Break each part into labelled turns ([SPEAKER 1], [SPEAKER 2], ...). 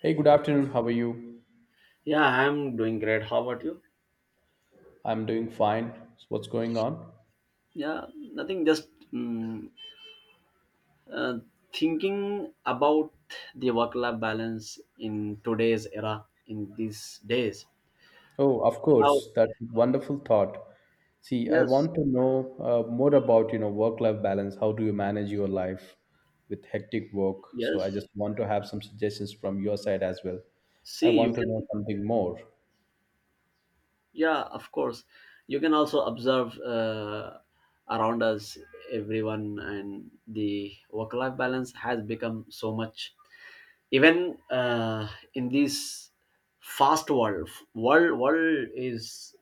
[SPEAKER 1] Hey, good afternoon. How are you?
[SPEAKER 2] Yeah, I'm doing great. How about you?
[SPEAKER 1] I'm doing fine. So what's going on?
[SPEAKER 2] Yeah, nothing. Just uh, thinking about the work-life balance in today's era, in these days.
[SPEAKER 1] Oh, of
[SPEAKER 2] How?
[SPEAKER 1] course. That's a wonderful thought. See, I
[SPEAKER 2] Yes,
[SPEAKER 1] want to know more about, you know, work-life balance. How do you manage your life with hectic work? So I
[SPEAKER 2] yes.
[SPEAKER 1] just want to have some suggestions from your side as well. I
[SPEAKER 2] See, you
[SPEAKER 1] want to know
[SPEAKER 2] can.
[SPEAKER 1] something more.
[SPEAKER 2] Yeah, of course. You can also observe around us, everyone, and the work-life balance has become so much even in this fast world is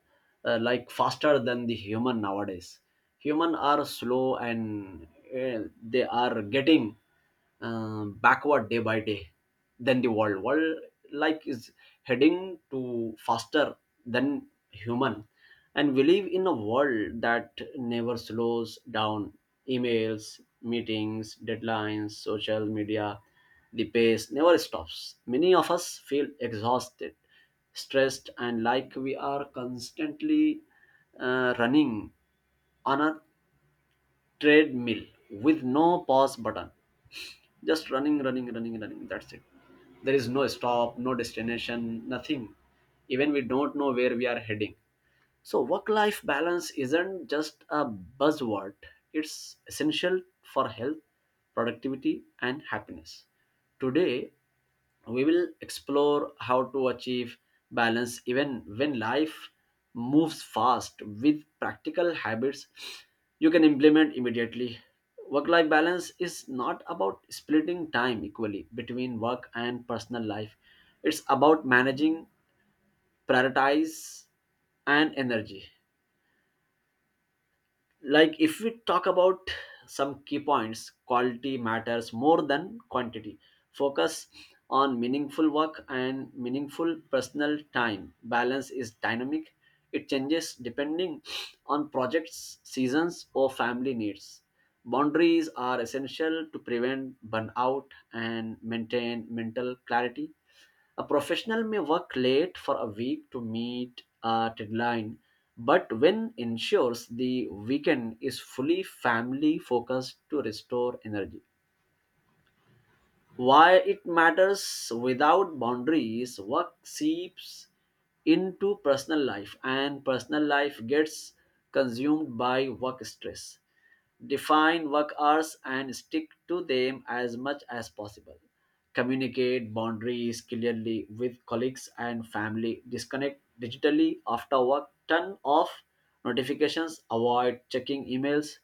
[SPEAKER 2] like faster than the human nowadays. Human are slow and they are getting backward day by day than the world like is heading to faster than human. And we live in a world that never slows down. Emails, meetings, deadlines, social media, the pace never stops. Many of us feel exhausted, stressed, and like we are constantly running on a treadmill with no pause button. Just running, running, running, running. That's it. There is no stop, no destination, nothing. Even we don't know where we are heading. So, work life balance isn't just a buzzword, it's essential for health, productivity, and happiness. Today, we will explore how to achieve balance even when life moves fast with practical habits you can implement immediately. Work life balance is not about splitting time equally between work and personal life, it's about managing, prioritize, and energy. Like if we talk about some key points, quality matters more than quantity. Focus on meaningful work and meaningful personal time. Balance is dynamic, it changes depending on projects, seasons, or family needs. Boundaries are essential to prevent burnout and maintain mental clarity. A professional may work late for a week to meet a deadline, but when ensures the weekend is fully family focused to restore energy. Why it matters: without boundaries, work seeps into personal life and personal life gets consumed by work stress. Define work hours and stick to them as much as possible. Communicate boundaries clearly with colleagues and family. Disconnect digitally after work. Turn off notifications, avoid checking emails.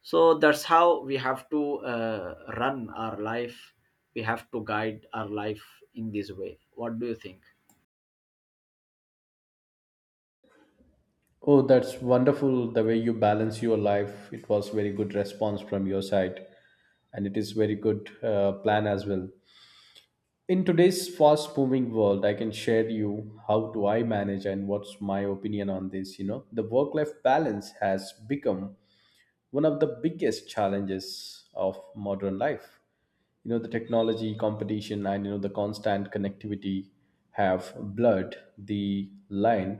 [SPEAKER 2] So that's how we have to run our life. We have to guide our life in this way. What do you think?
[SPEAKER 1] Oh, that's wonderful the way you balance your life. It was very good response from your side, and it is very good plan as well. In today's fast moving world, I can share you how do I manage and what's my opinion on this. You know, the work life balance has become one of the biggest challenges of modern life. You know, the technology, competition, and you know, the constant connectivity have blurred the line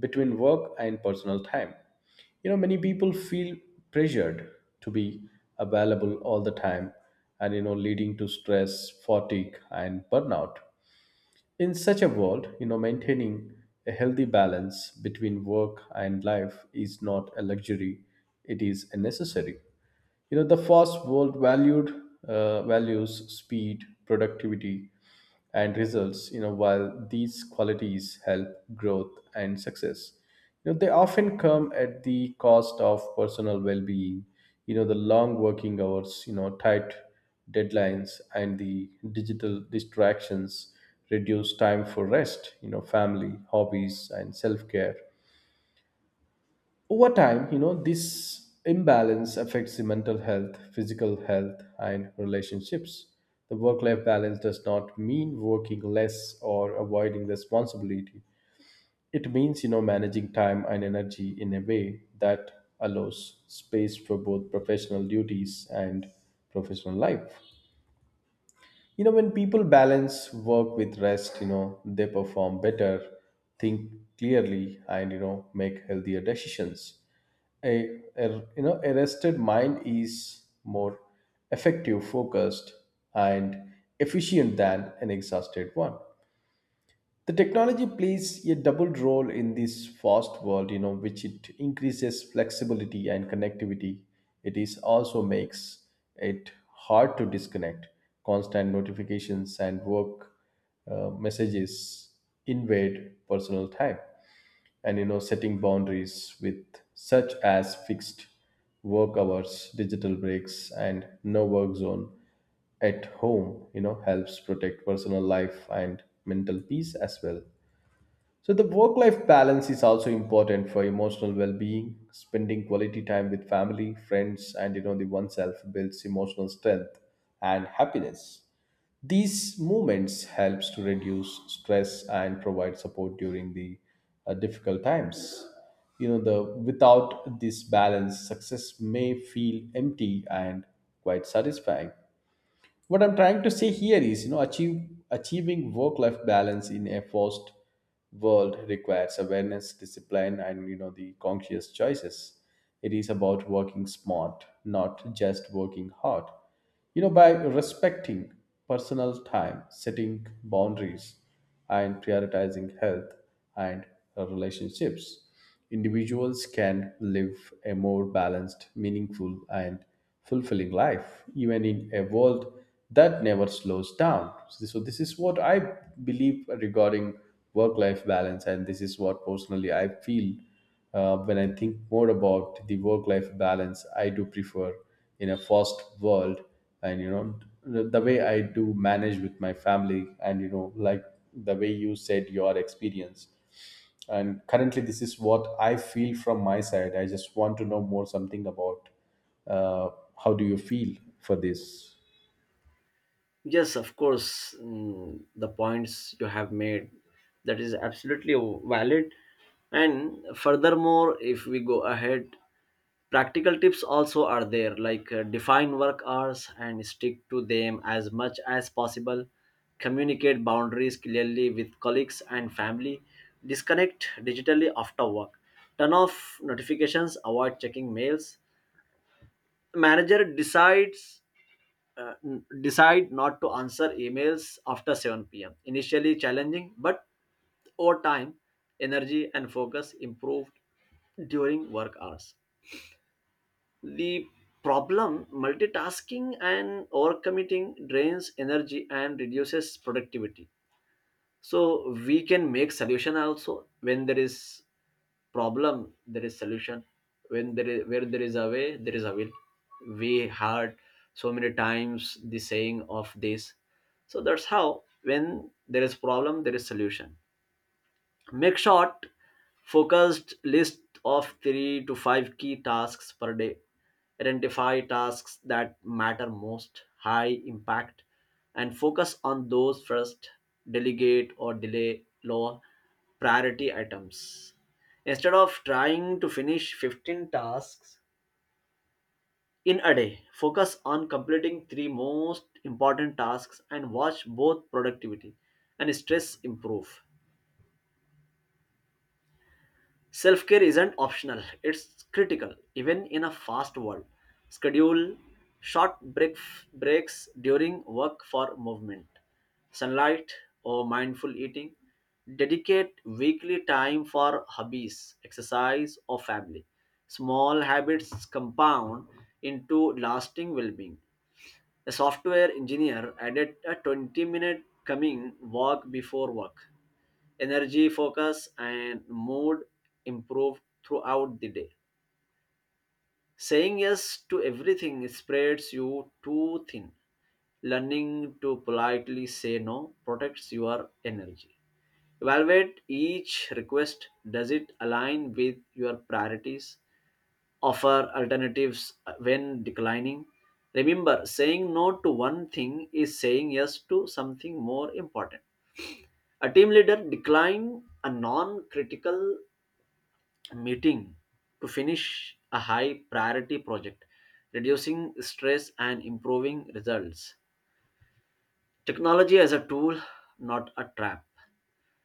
[SPEAKER 1] between work and personal time. You know, many people feel pressured to be available all the time, and you know, leading to stress, fatigue, and burnout. In such a world, you know, maintaining a healthy balance between work and life is not a luxury, it is a necessary. You know, the fast world valued values speed, productivity, and results. You know, while these qualities help growth and success, you know, they often come at the cost of personal well-being. You know, the long working hours, you know, tight deadlines, and the digital distractions reduce time for rest, you know, family, hobbies, and self-care. Over time, you know, this imbalance affects the mental health, physical health, and relationships. The work life balance does not mean working less or avoiding responsibility. It means, you know, managing time and energy in a way that allows space for both professional duties and professional life. You know, when people balance work with rest, you know, they perform better, think clearly, and you know, make healthier decisions. A you know, a rested mind is more effective, focused, and efficient than an exhausted one. The technology plays a double role in this fast world. You know, which it increases flexibility and connectivity, it is also makes it hard to disconnect. Constant notifications and work messages invade personal time, and you know, setting boundaries with, such as fixed work hours, digital breaks, and no work zone at home, you know, helps protect personal life and mental peace as well. So the work life balance is also important for emotional well-being. Spending quality time with family, friends, and you know, the oneself builds emotional strength and happiness. These movements helps to reduce stress and provide support during the difficult times. You know, the without this balance, success may feel empty and quite satisfying. What I'm trying to say here is, you know, achieve achieving work life balance in a fast world requires awareness, discipline, and you know, the conscious choices. It is about working smart, not just working hard. You know, by respecting personal time, setting boundaries, and prioritizing health and relationships, individuals can live a more balanced, meaningful, and fulfilling life, even in a world that never slows down. So, this is what I believe regarding work life balance, and this is what personally I feel. When I think more about the work-life balance, I do prefer in a fast world, and you know, the way I do manage with my family, and you know, like the way you said your experience. And currently, this is what I feel from my side. I just want to know more something about uh, how do you feel for this.
[SPEAKER 2] Yes, of course, the points you have made, that is absolutely valid. And furthermore, if we go ahead, practical tips also are there like define work hours and stick to them as much as possible. Communicate boundaries clearly with colleagues and family. Disconnect digitally after work. Turn off notifications, avoid checking mails. Manager decide not to answer emails after 7 p.m. Initially challenging, but over time, energy and focus improved during work hours. The problem: multitasking and overcommitting drains energy and reduces productivity. So we can make solution also. When there is problem, there is solution. When there is where there is a way, there is a will. We heard so many times the saying of this. So that's how, when there is problem, there is solution. Make short, focused list of three to five key tasks per day. Identify tasks that matter most, high impact, and focus on those first. Delegate or delay low priority items. Instead of trying to finish 15 tasks in a day, focus on completing three most important tasks and watch both productivity and stress improve. Self care isn't optional, it's critical, even in a fast world. Schedule short breaks during work for movement, sunlight, or mindful eating. Dedicate weekly time for hobbies, exercise, or family. Small habits compound into lasting well being. A software engineer added a 20-minute coming walk before work. Energy, focus, and mood improve throughout the day. Saying yes to everything spreads you too thin. Learning to politely say no protects your energy. Evaluate each request. Does it align with your priorities? Offer alternatives when declining. Remember, saying no to one thing is saying yes to something more important. A team leader decline a non critical meeting to finish a high priority project, reducing stress and improving results. Technology as a tool, not a trap.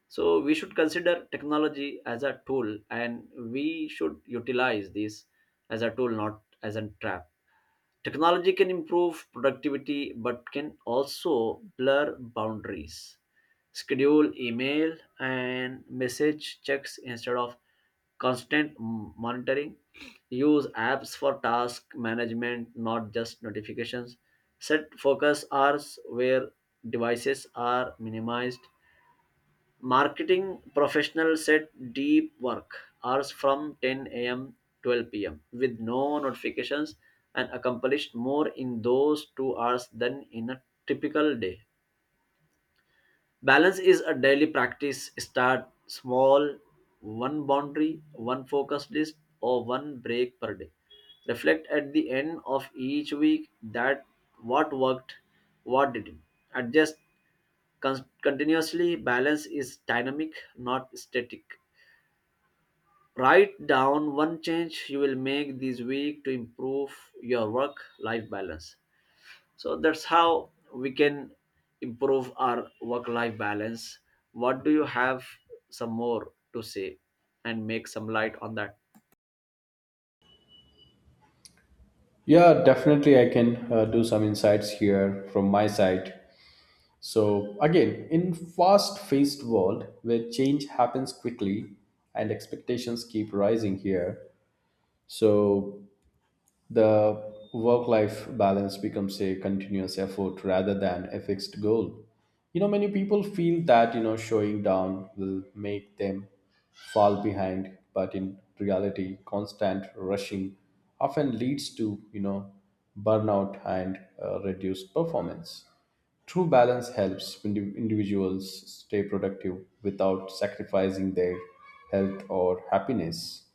[SPEAKER 2] So, we should consider technology as a tool and we should utilize this as a tool, not as a trap. Technology can improve productivity but can also blur boundaries. Schedule email and message checks instead of constant monitoring. Use apps for task management, not just notifications. Set focus hours where devices are minimized. Marketing professionals set deep work hours from 10 a.m. 12 p.m. with no notifications and accomplished more in those 2 hours than in a typical day. Balance is a daily practice. Start small: one boundary, one focus list, or one break per day. Reflect at the end of each week: that what worked, what didn't. Adjust continuously. Balance is dynamic, not static. Write down one change you will make this week to improve your work life balance. So that's how we can improve our work life balance. What do you have some more to say and make some light on that?
[SPEAKER 1] Yeah, definitely. I can do some insights here from my side. So again, in fast-paced world where change happens quickly and expectations keep rising here, so the work-life balance becomes a continuous effort rather than a fixed goal. You know, many people feel that, you know, showing down will make them fall behind, but in reality, constant rushing often leads to, you know, burnout and reduced performance. True balance helps individuals stay productive without sacrificing their health or happiness.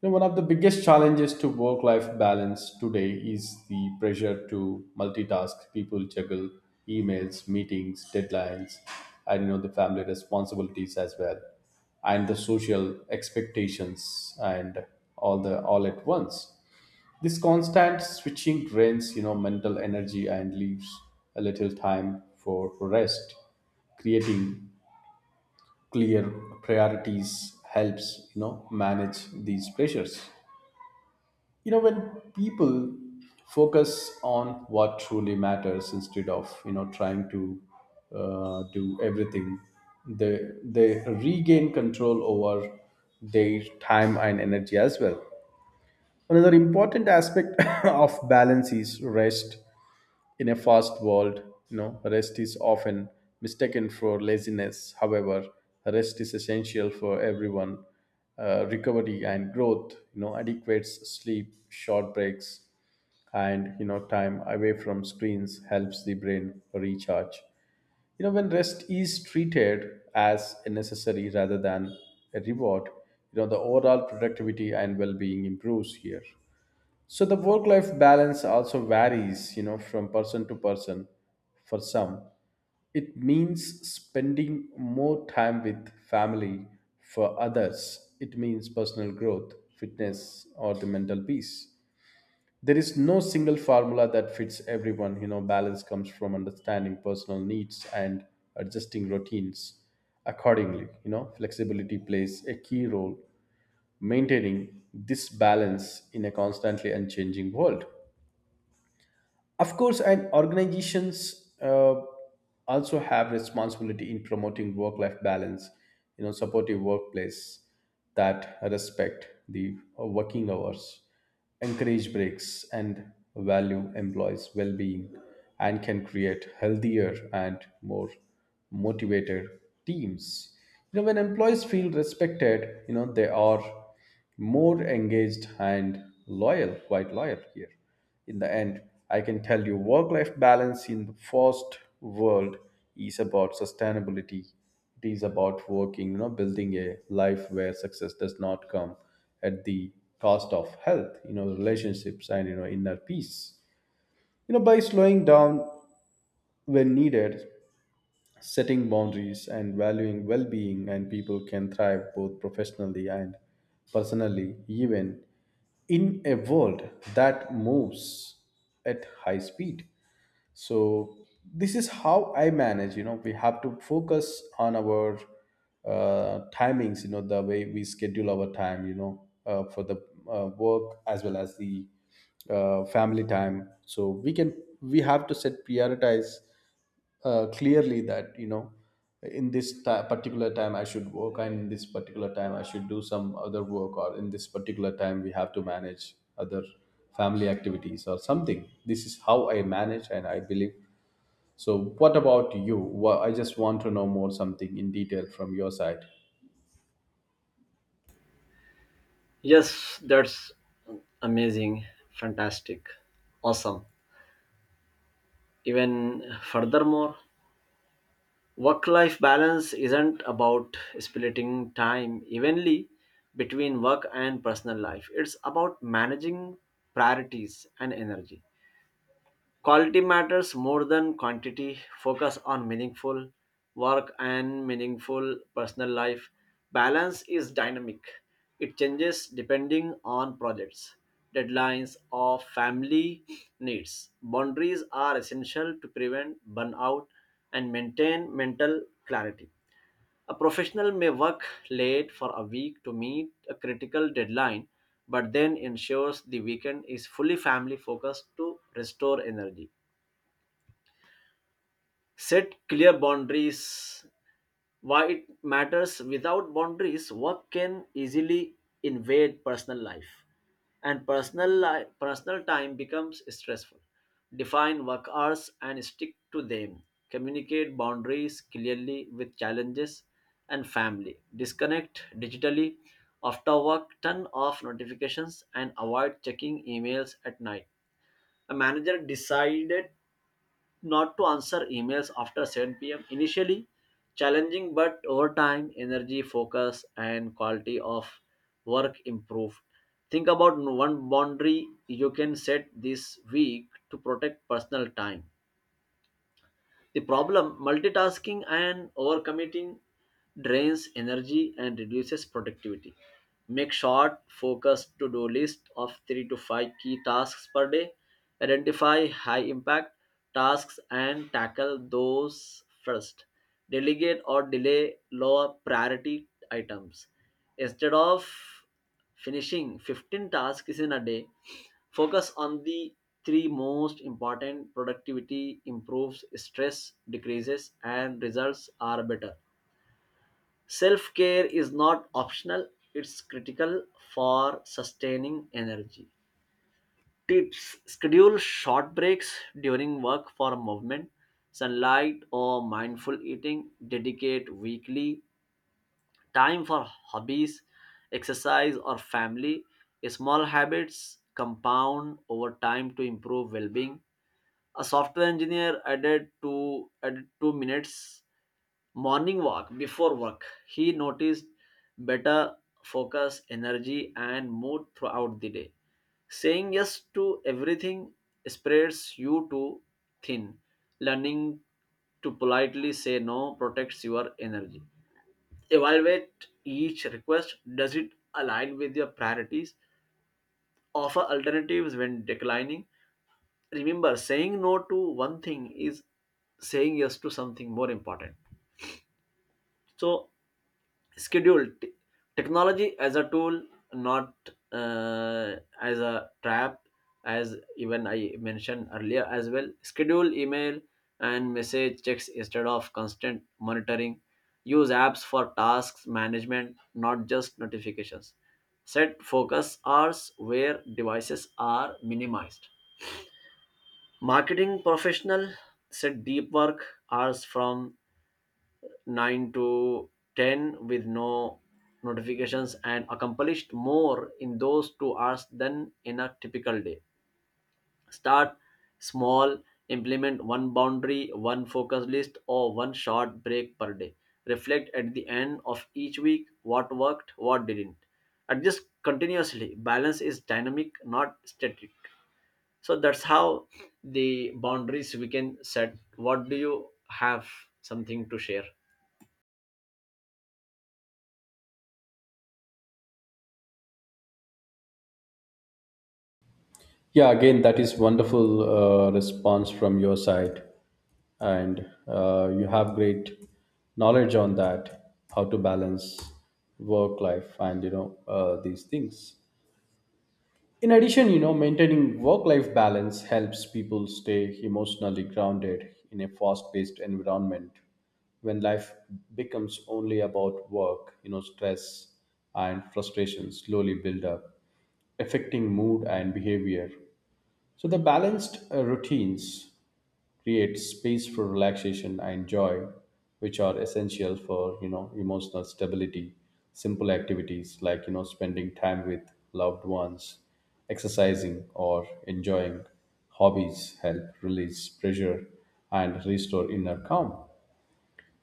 [SPEAKER 1] You know, one of the biggest challenges to work life balance today is the pressure to multitask. People juggle emails, meetings, deadlines, and you know, the family responsibilities as well, and the social expectations, and all the all at once, this constant switching drains, you know, mental energy and leaves a little time for rest. Creating clear priorities helps, you know, manage these pressures. You know, when people focus on what truly matters instead of, you know, trying to do everything, they regain control over their time and energy as well. Another important aspect of balance is rest. In a fast world, you know, rest is often mistaken for laziness. However, rest is essential for everyone. Recovery and growth, you know, adequate sleep, short breaks, and you know, time away from screens helps the brain recharge. You know, when rest is treated as a necessary rather than a reward, you know, the overall productivity and well-being improves here. So the work life balance also varies, you know, from person to person. For some, it means spending more time with family. For others, it means personal growth, fitness, or the mental peace. There is no single formula that fits everyone. You know, balance comes from understanding personal needs and adjusting routines accordingly. You know, flexibility plays a key role maintaining this balance in a constantly unchanging world. Of course, and organizations also have responsibility in promoting work-life balance. You know, supportive workplace that respect the working hours, encourage breaks, and value employees' well-being, and can create healthier and more motivated teams. You know, when employees feel respected, you know, they are more engaged and loyal, quite loyal here. In the end, I can tell you work life balance in the first world is about sustainability. It is about working, you know, building a life where success does not come at the cost of health, you know, relationships, and you know, inner peace. You know, by slowing down when needed, setting boundaries and valuing well being, and people can thrive both professionally and personally, even in a world that moves at high speed. So, this is how I manage. You know, we have to focus on our timings, you know, the way we schedule our time, you know, for the work as well as the family time. So, we have to set prioritize clearly that, you know, in this ti particular time I should work, and in this particular time I should do some other work, or in this particular time we have to manage other family activities or something. This is how I manage and I believe. So what about you? I just want to know more something in detail from your side.
[SPEAKER 2] Yes, that's amazing, fantastic, awesome. Even furthermore, work life balance isn't about splitting time evenly between work and personal life, it's about managing priorities and energy. Quality matters more than quantity. Focus on meaningful work and meaningful personal life. Balance is dynamic. It changes depending on projects, deadlines, or family needs. Boundaries are essential to prevent burnout and maintain mental clarity. A professional may work late for a week to meet a critical deadline, but then ensures the weekend is fully family focused to restore energy. Set clear boundaries. Why it matters: without boundaries, work can easily invade personal life, and personal time becomes stressful. Define work hours and stick to them. Communicate boundaries clearly with challenges and family. Disconnect digitally after work. Turn off notifications and avoid checking emails at night. A manager decided not to answer emails after 7 p.m. Initially challenging, but over time, energy, focus, and quality of work improve. Think about one boundary you can set this week to protect personal time. The problem: multitasking and overcommitting drains energy and reduces productivity. Make short, focused to do list of 3 to 5 key tasks per day. Identify high impact tasks and tackle those first. Delegate or delay lower priority items. Instead of finishing 15 tasks in a day, focus on the three most important. Productivity improves, stress decreases, and results are better. Self care is not optional, it's critical for sustaining energy. Tips: schedule short breaks during work for movement, sunlight, or mindful eating. Dedicate weekly time for hobbies, exercise, or family. Small habits compound over time to improve well-being. A software engineer added 2 minutes morning walk before work. He noticed better focus, energy, and mood throughout the day. Saying yes to everything spreads you too thin. Learning to politely say no protects your energy. Evaluate each request. Does it align with your priorities? Offer alternatives when declining. Remember, saying no to one thing is saying yes to something more important. So, schedule technology as a tool, not as a trap. As even I mentioned earlier as well, schedule email and message checks instead of constant monitoring. Use apps for tasks management, not just notifications. Set focus hours where devices are minimized. Marketing professional set deep work hours from 9 to 10 with no notifications and accomplished more in those 2 hours than in a typical day. Start small, implement one boundary, one focus list, or one short break per day. Reflect at the end of each week, what worked, what didn't. Adjust continuously. Balance is dynamic, not static. So that's how the boundaries we can set. What do you have, something to share?
[SPEAKER 1] Yeah, again, that is wonderful response from your side, and you have great knowledge on that, how to balance work life and you know these things. In addition, you know, maintaining work-life balance helps people stay emotionally grounded in a fast-paced environment. When life becomes only about work, you know, stress and frustration slowly build up, affecting mood and behavior. So the balanced routines create space for relaxation and joy, which are essential for, you know, emotional stability. Simple activities like, you know, spending time with loved ones, exercising, or enjoying hobbies help release pressure and restore inner calm.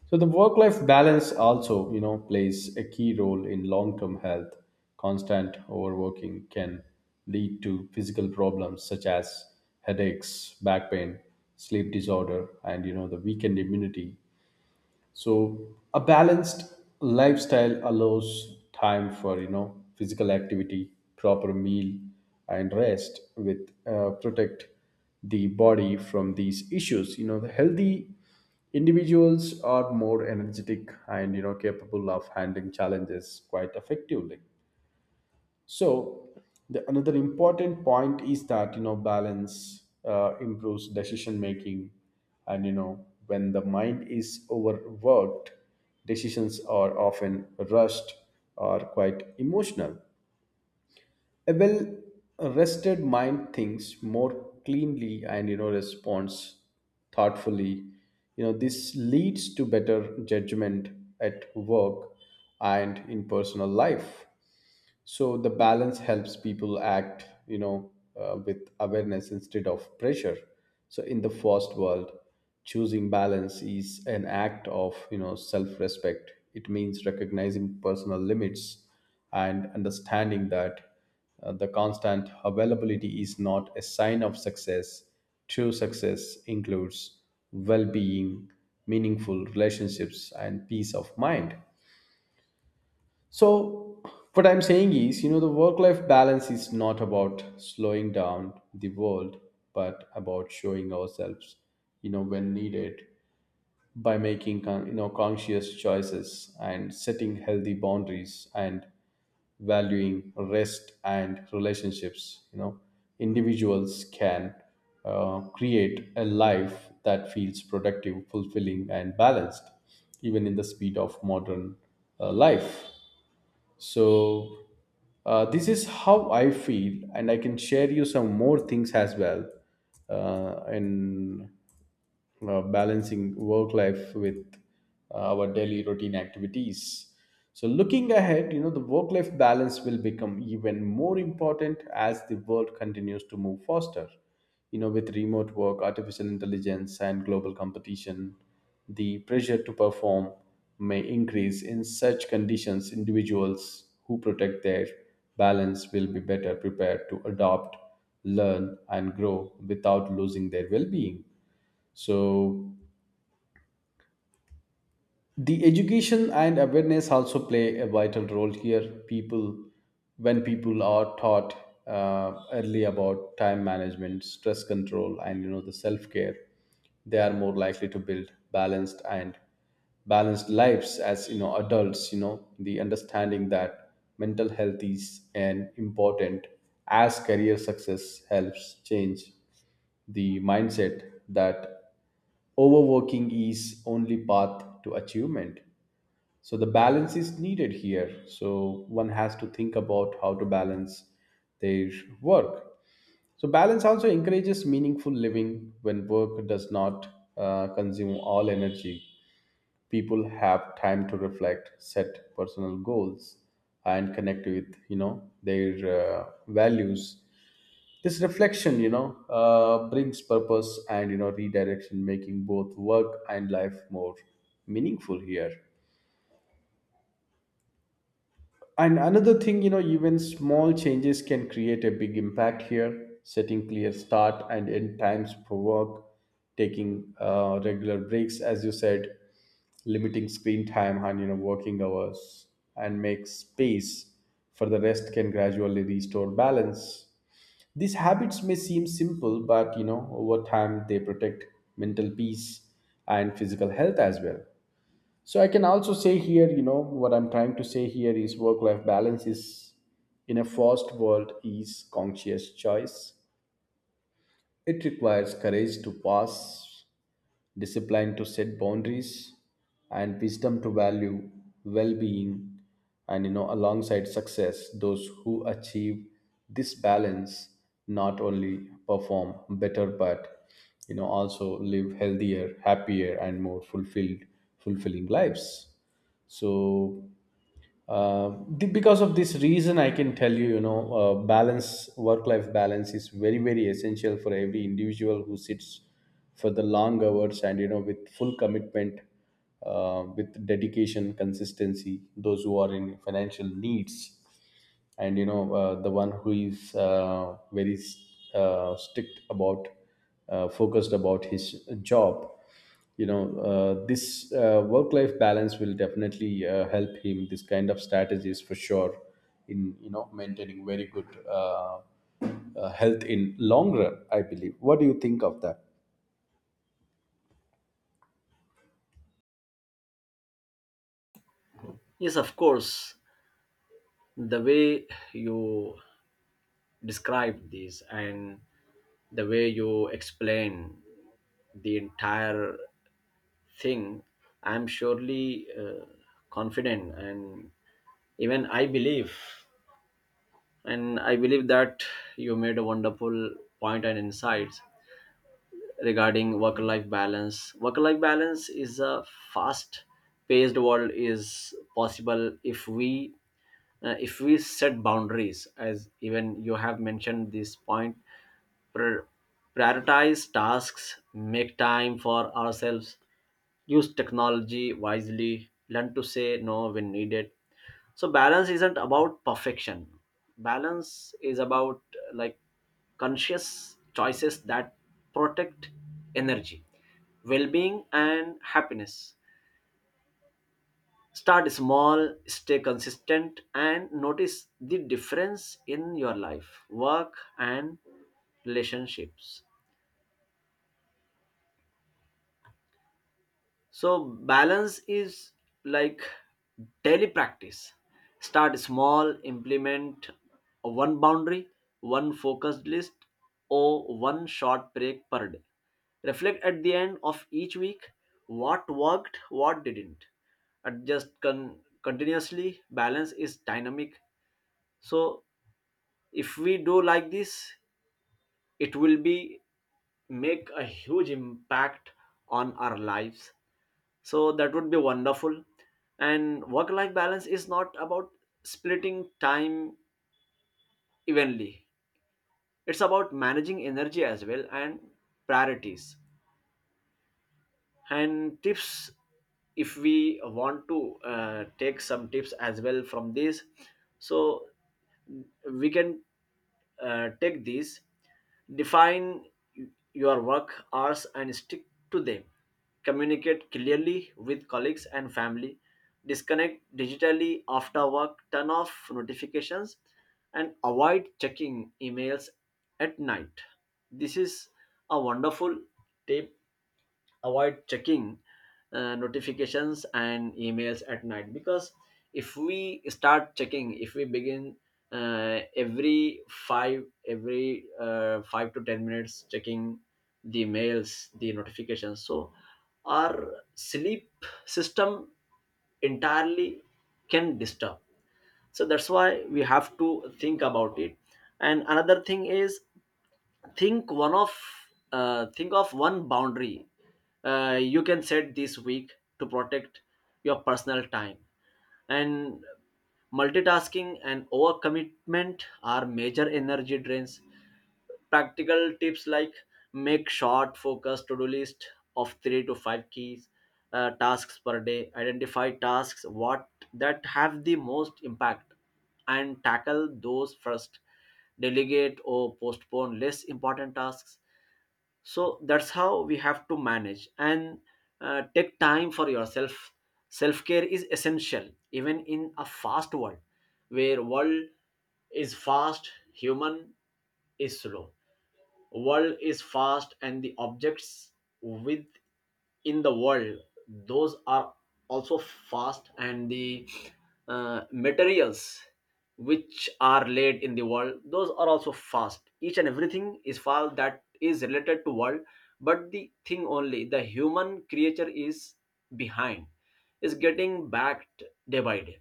[SPEAKER 1] So the work-life balance also, you know, plays a key role in long-term health. Constant overworking can lead to physical problems such as headaches, back pain, sleep disorder, and you know, the weakened immunity. So a balanced lifestyle allows time for, you know, physical activity, proper meal, and rest, with protect the body from these issues. You know, the healthy individuals are more energetic and you know, capable of handling challenges quite effectively. So another important point is that, you know, balance improves decision making, and you know, when the mind is overworked, decisions are often rushed or quite emotional. A well rested mind thinks more cleanly and, you know, responds thoughtfully. You know, this leads to better judgment at work and in personal life. So the balance helps people act, you know, with awareness instead of pressure. So in the fast world, choosing balance is an act of, you know, self respect. It means recognizing personal limits and understanding that the constant availability is not a sign of success. True success includes well being, meaningful relationships, and peace of mind. So, what I'm saying is, you know, the work life balance is not about slowing down the world, but about showing ourselves, you know, when needed, by making, you know, conscious choices and setting healthy boundaries and valuing rest and relationships. You know, individuals can create a life that feels productive, fulfilling, and balanced, even in the speed of modern life. So this is how I feel, and I can share you some more things as well. And Balancing work life with our daily routine activities. So, looking ahead, you know, the work life balance will become even more important as the world continues to move faster. You know, with remote work, artificial intelligence, and global competition, the pressure to perform may increase. In such conditions, individuals who protect their balance will be better prepared to adopt, learn, and grow without losing their well being. So, the education and awareness also play a vital role here. People, when people are taught early about time management, stress control, and you know, the self care, they are more likely to build balanced lives as, you know, adults. You know, the understanding that mental health is an important as career success helps change the mindset that overworking is only path to achievement. So the balance is needed here. So one has to think about how to balance their work. So balance also encourages meaningful living. When work does not consume all energy, people have time to reflect, set personal goals, and connect with, you know, their values. This reflection, you know, brings purpose and, you know, redirection, making both work and life more meaningful here. And another thing, you know, even small changes can create a big impact here. Setting clear start and end times for work, taking regular breaks, as you said, limiting screen time and, you know, working hours, and make space for the rest can gradually restore balance. These habits may seem simple, but you know, over time they protect mental peace and physical health as well. So I can also say here, you know, what I'm trying to say here is work-life balance is in a fast world is conscious choice. It requires courage to pass, discipline to set boundaries, and wisdom to value well-being and, you know, alongside success. Those who achieve this balance not only perform better but, you know, also live healthier, happier, and more fulfilled fulfilling lives. So because of this reason, I can tell you, you know, balance work life balance is very very essential for every individual who sits for the long hours and, you know, with full commitment, with dedication, consistency, those who are in financial needs, and you know, the one who is very strict about focused about his job, you know, this work life balance will definitely help him this kind of strategies for sure in, you know, maintaining very good health in long run I believe. What do you think of that?
[SPEAKER 2] Yes, of course. The way you describe this and the way you explain the entire thing, I'm surely confident, and even I believe that you made a wonderful point and insights regarding work life balance. Work life balance is a fast paced world is possible if we set boundaries, as even you have mentioned this point. Pri- Prioritize tasks, make time for ourselves, use technology wisely, learn to say no when needed. So, balance isn't about perfection. Balance is about like conscious choices that protect energy, well being, and happiness. Start small, stay consistent, and notice the difference in your life, work, and relationships. So balance is like daily practice. Start small, implement one boundary, one focused list, or one short break per day. Reflect at the end of each week, what worked, what didn't. Adjust continuously. Balance is dynamic. So if we do like this, it will be make a huge impact on our lives, so that would be wonderful. And work life balance is not about splitting time evenly, it's about managing energy as well and priorities. And tips, if we want to take some tips as well from this, so we can take these: define your work hours and stick to them. Communicate clearly with colleagues and family. Disconnect digitally after work, turn off notifications and avoid checking emails at night. This is a wonderful tip. Avoid checking notifications and emails at night, because if we start checking, if we begin every 5 to 10 minutes checking the mails, the notifications, so our sleep system entirely can disturb. So that's why we have to think about it. And another thing is, think one of think of one boundary you can set this week to protect your personal time. And multitasking and overcommitment are major energy drains. Practical tips like make short focused to-do list of three to five keys tasks per day. Identify tasks what that have the most impact and tackle those first. Delegate or postpone less important tasks. So that's how we have to manage, and take time for yourself. Self care is essential even in a fast world, where world is fast, human is slow. World is fast and the objects with in the world those are also fast, and the materials which are laid in the world those are also fast. Each and everything is fast that is related to world, but the thing only the human creature is behind, is getting backed day by day.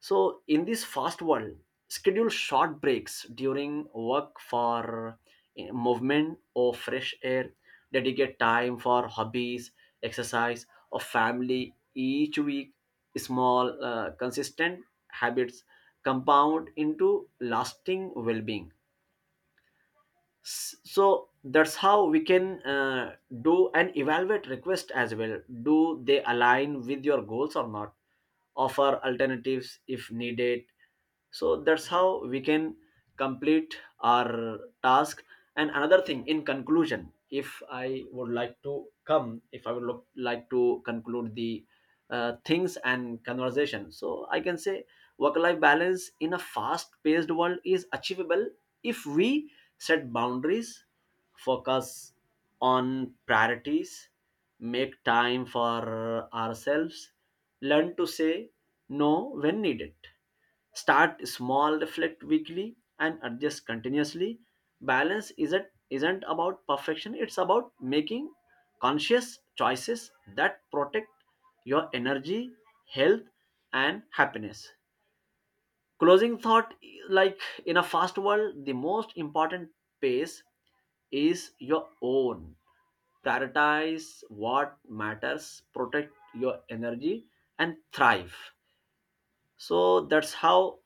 [SPEAKER 2] So, in this fast world, schedule short breaks during work for movement or fresh air. Dedicate time for hobbies, exercise, or family each week. Small, consistent habits compound into lasting well being. So that's how we can do. And evaluate request as well, do they align with your goals or not? Offer alternatives if needed. So that's how we can complete our task. And another thing, in conclusion, if I would like to come if I would look, like to conclude the things and conversation, so I can say work life balance in a fast paced world is achievable if we set boundaries, focus on priorities, make time for ourselves, learn to say no when needed, start small, reflect weekly, and adjust continuously. Balance isn't about perfection, it's about making conscious choices that protect your energy, health, and happiness. Closing thought: like in a fast world, the most important pace is your own. Prioritize what matters, protect your energy, and thrive. So that's how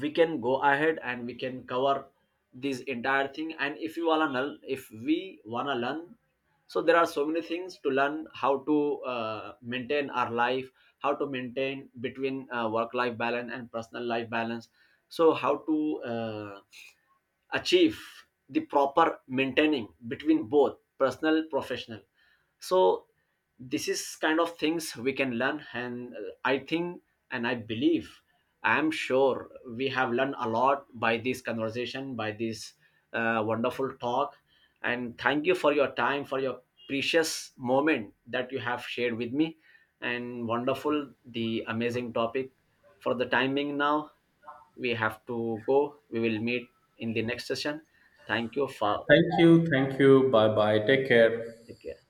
[SPEAKER 2] we can go ahead and we can cover this entire thing. And if we wanna learn, so there are so many things to learn, how to maintain our life, how to maintain between work life balance and personal life balance. So how to achieve the proper maintaining between both personal professional. So this is kind of things we can learn. And I think and I believe, I am sure we have learned a lot by this conversation, by this wonderful talk. And thank you for your time, for your precious moment that you have shared with me, and wonderful, the amazing topic. For the timing now, we have to go. We will meet in the next session. Thank you for, take care.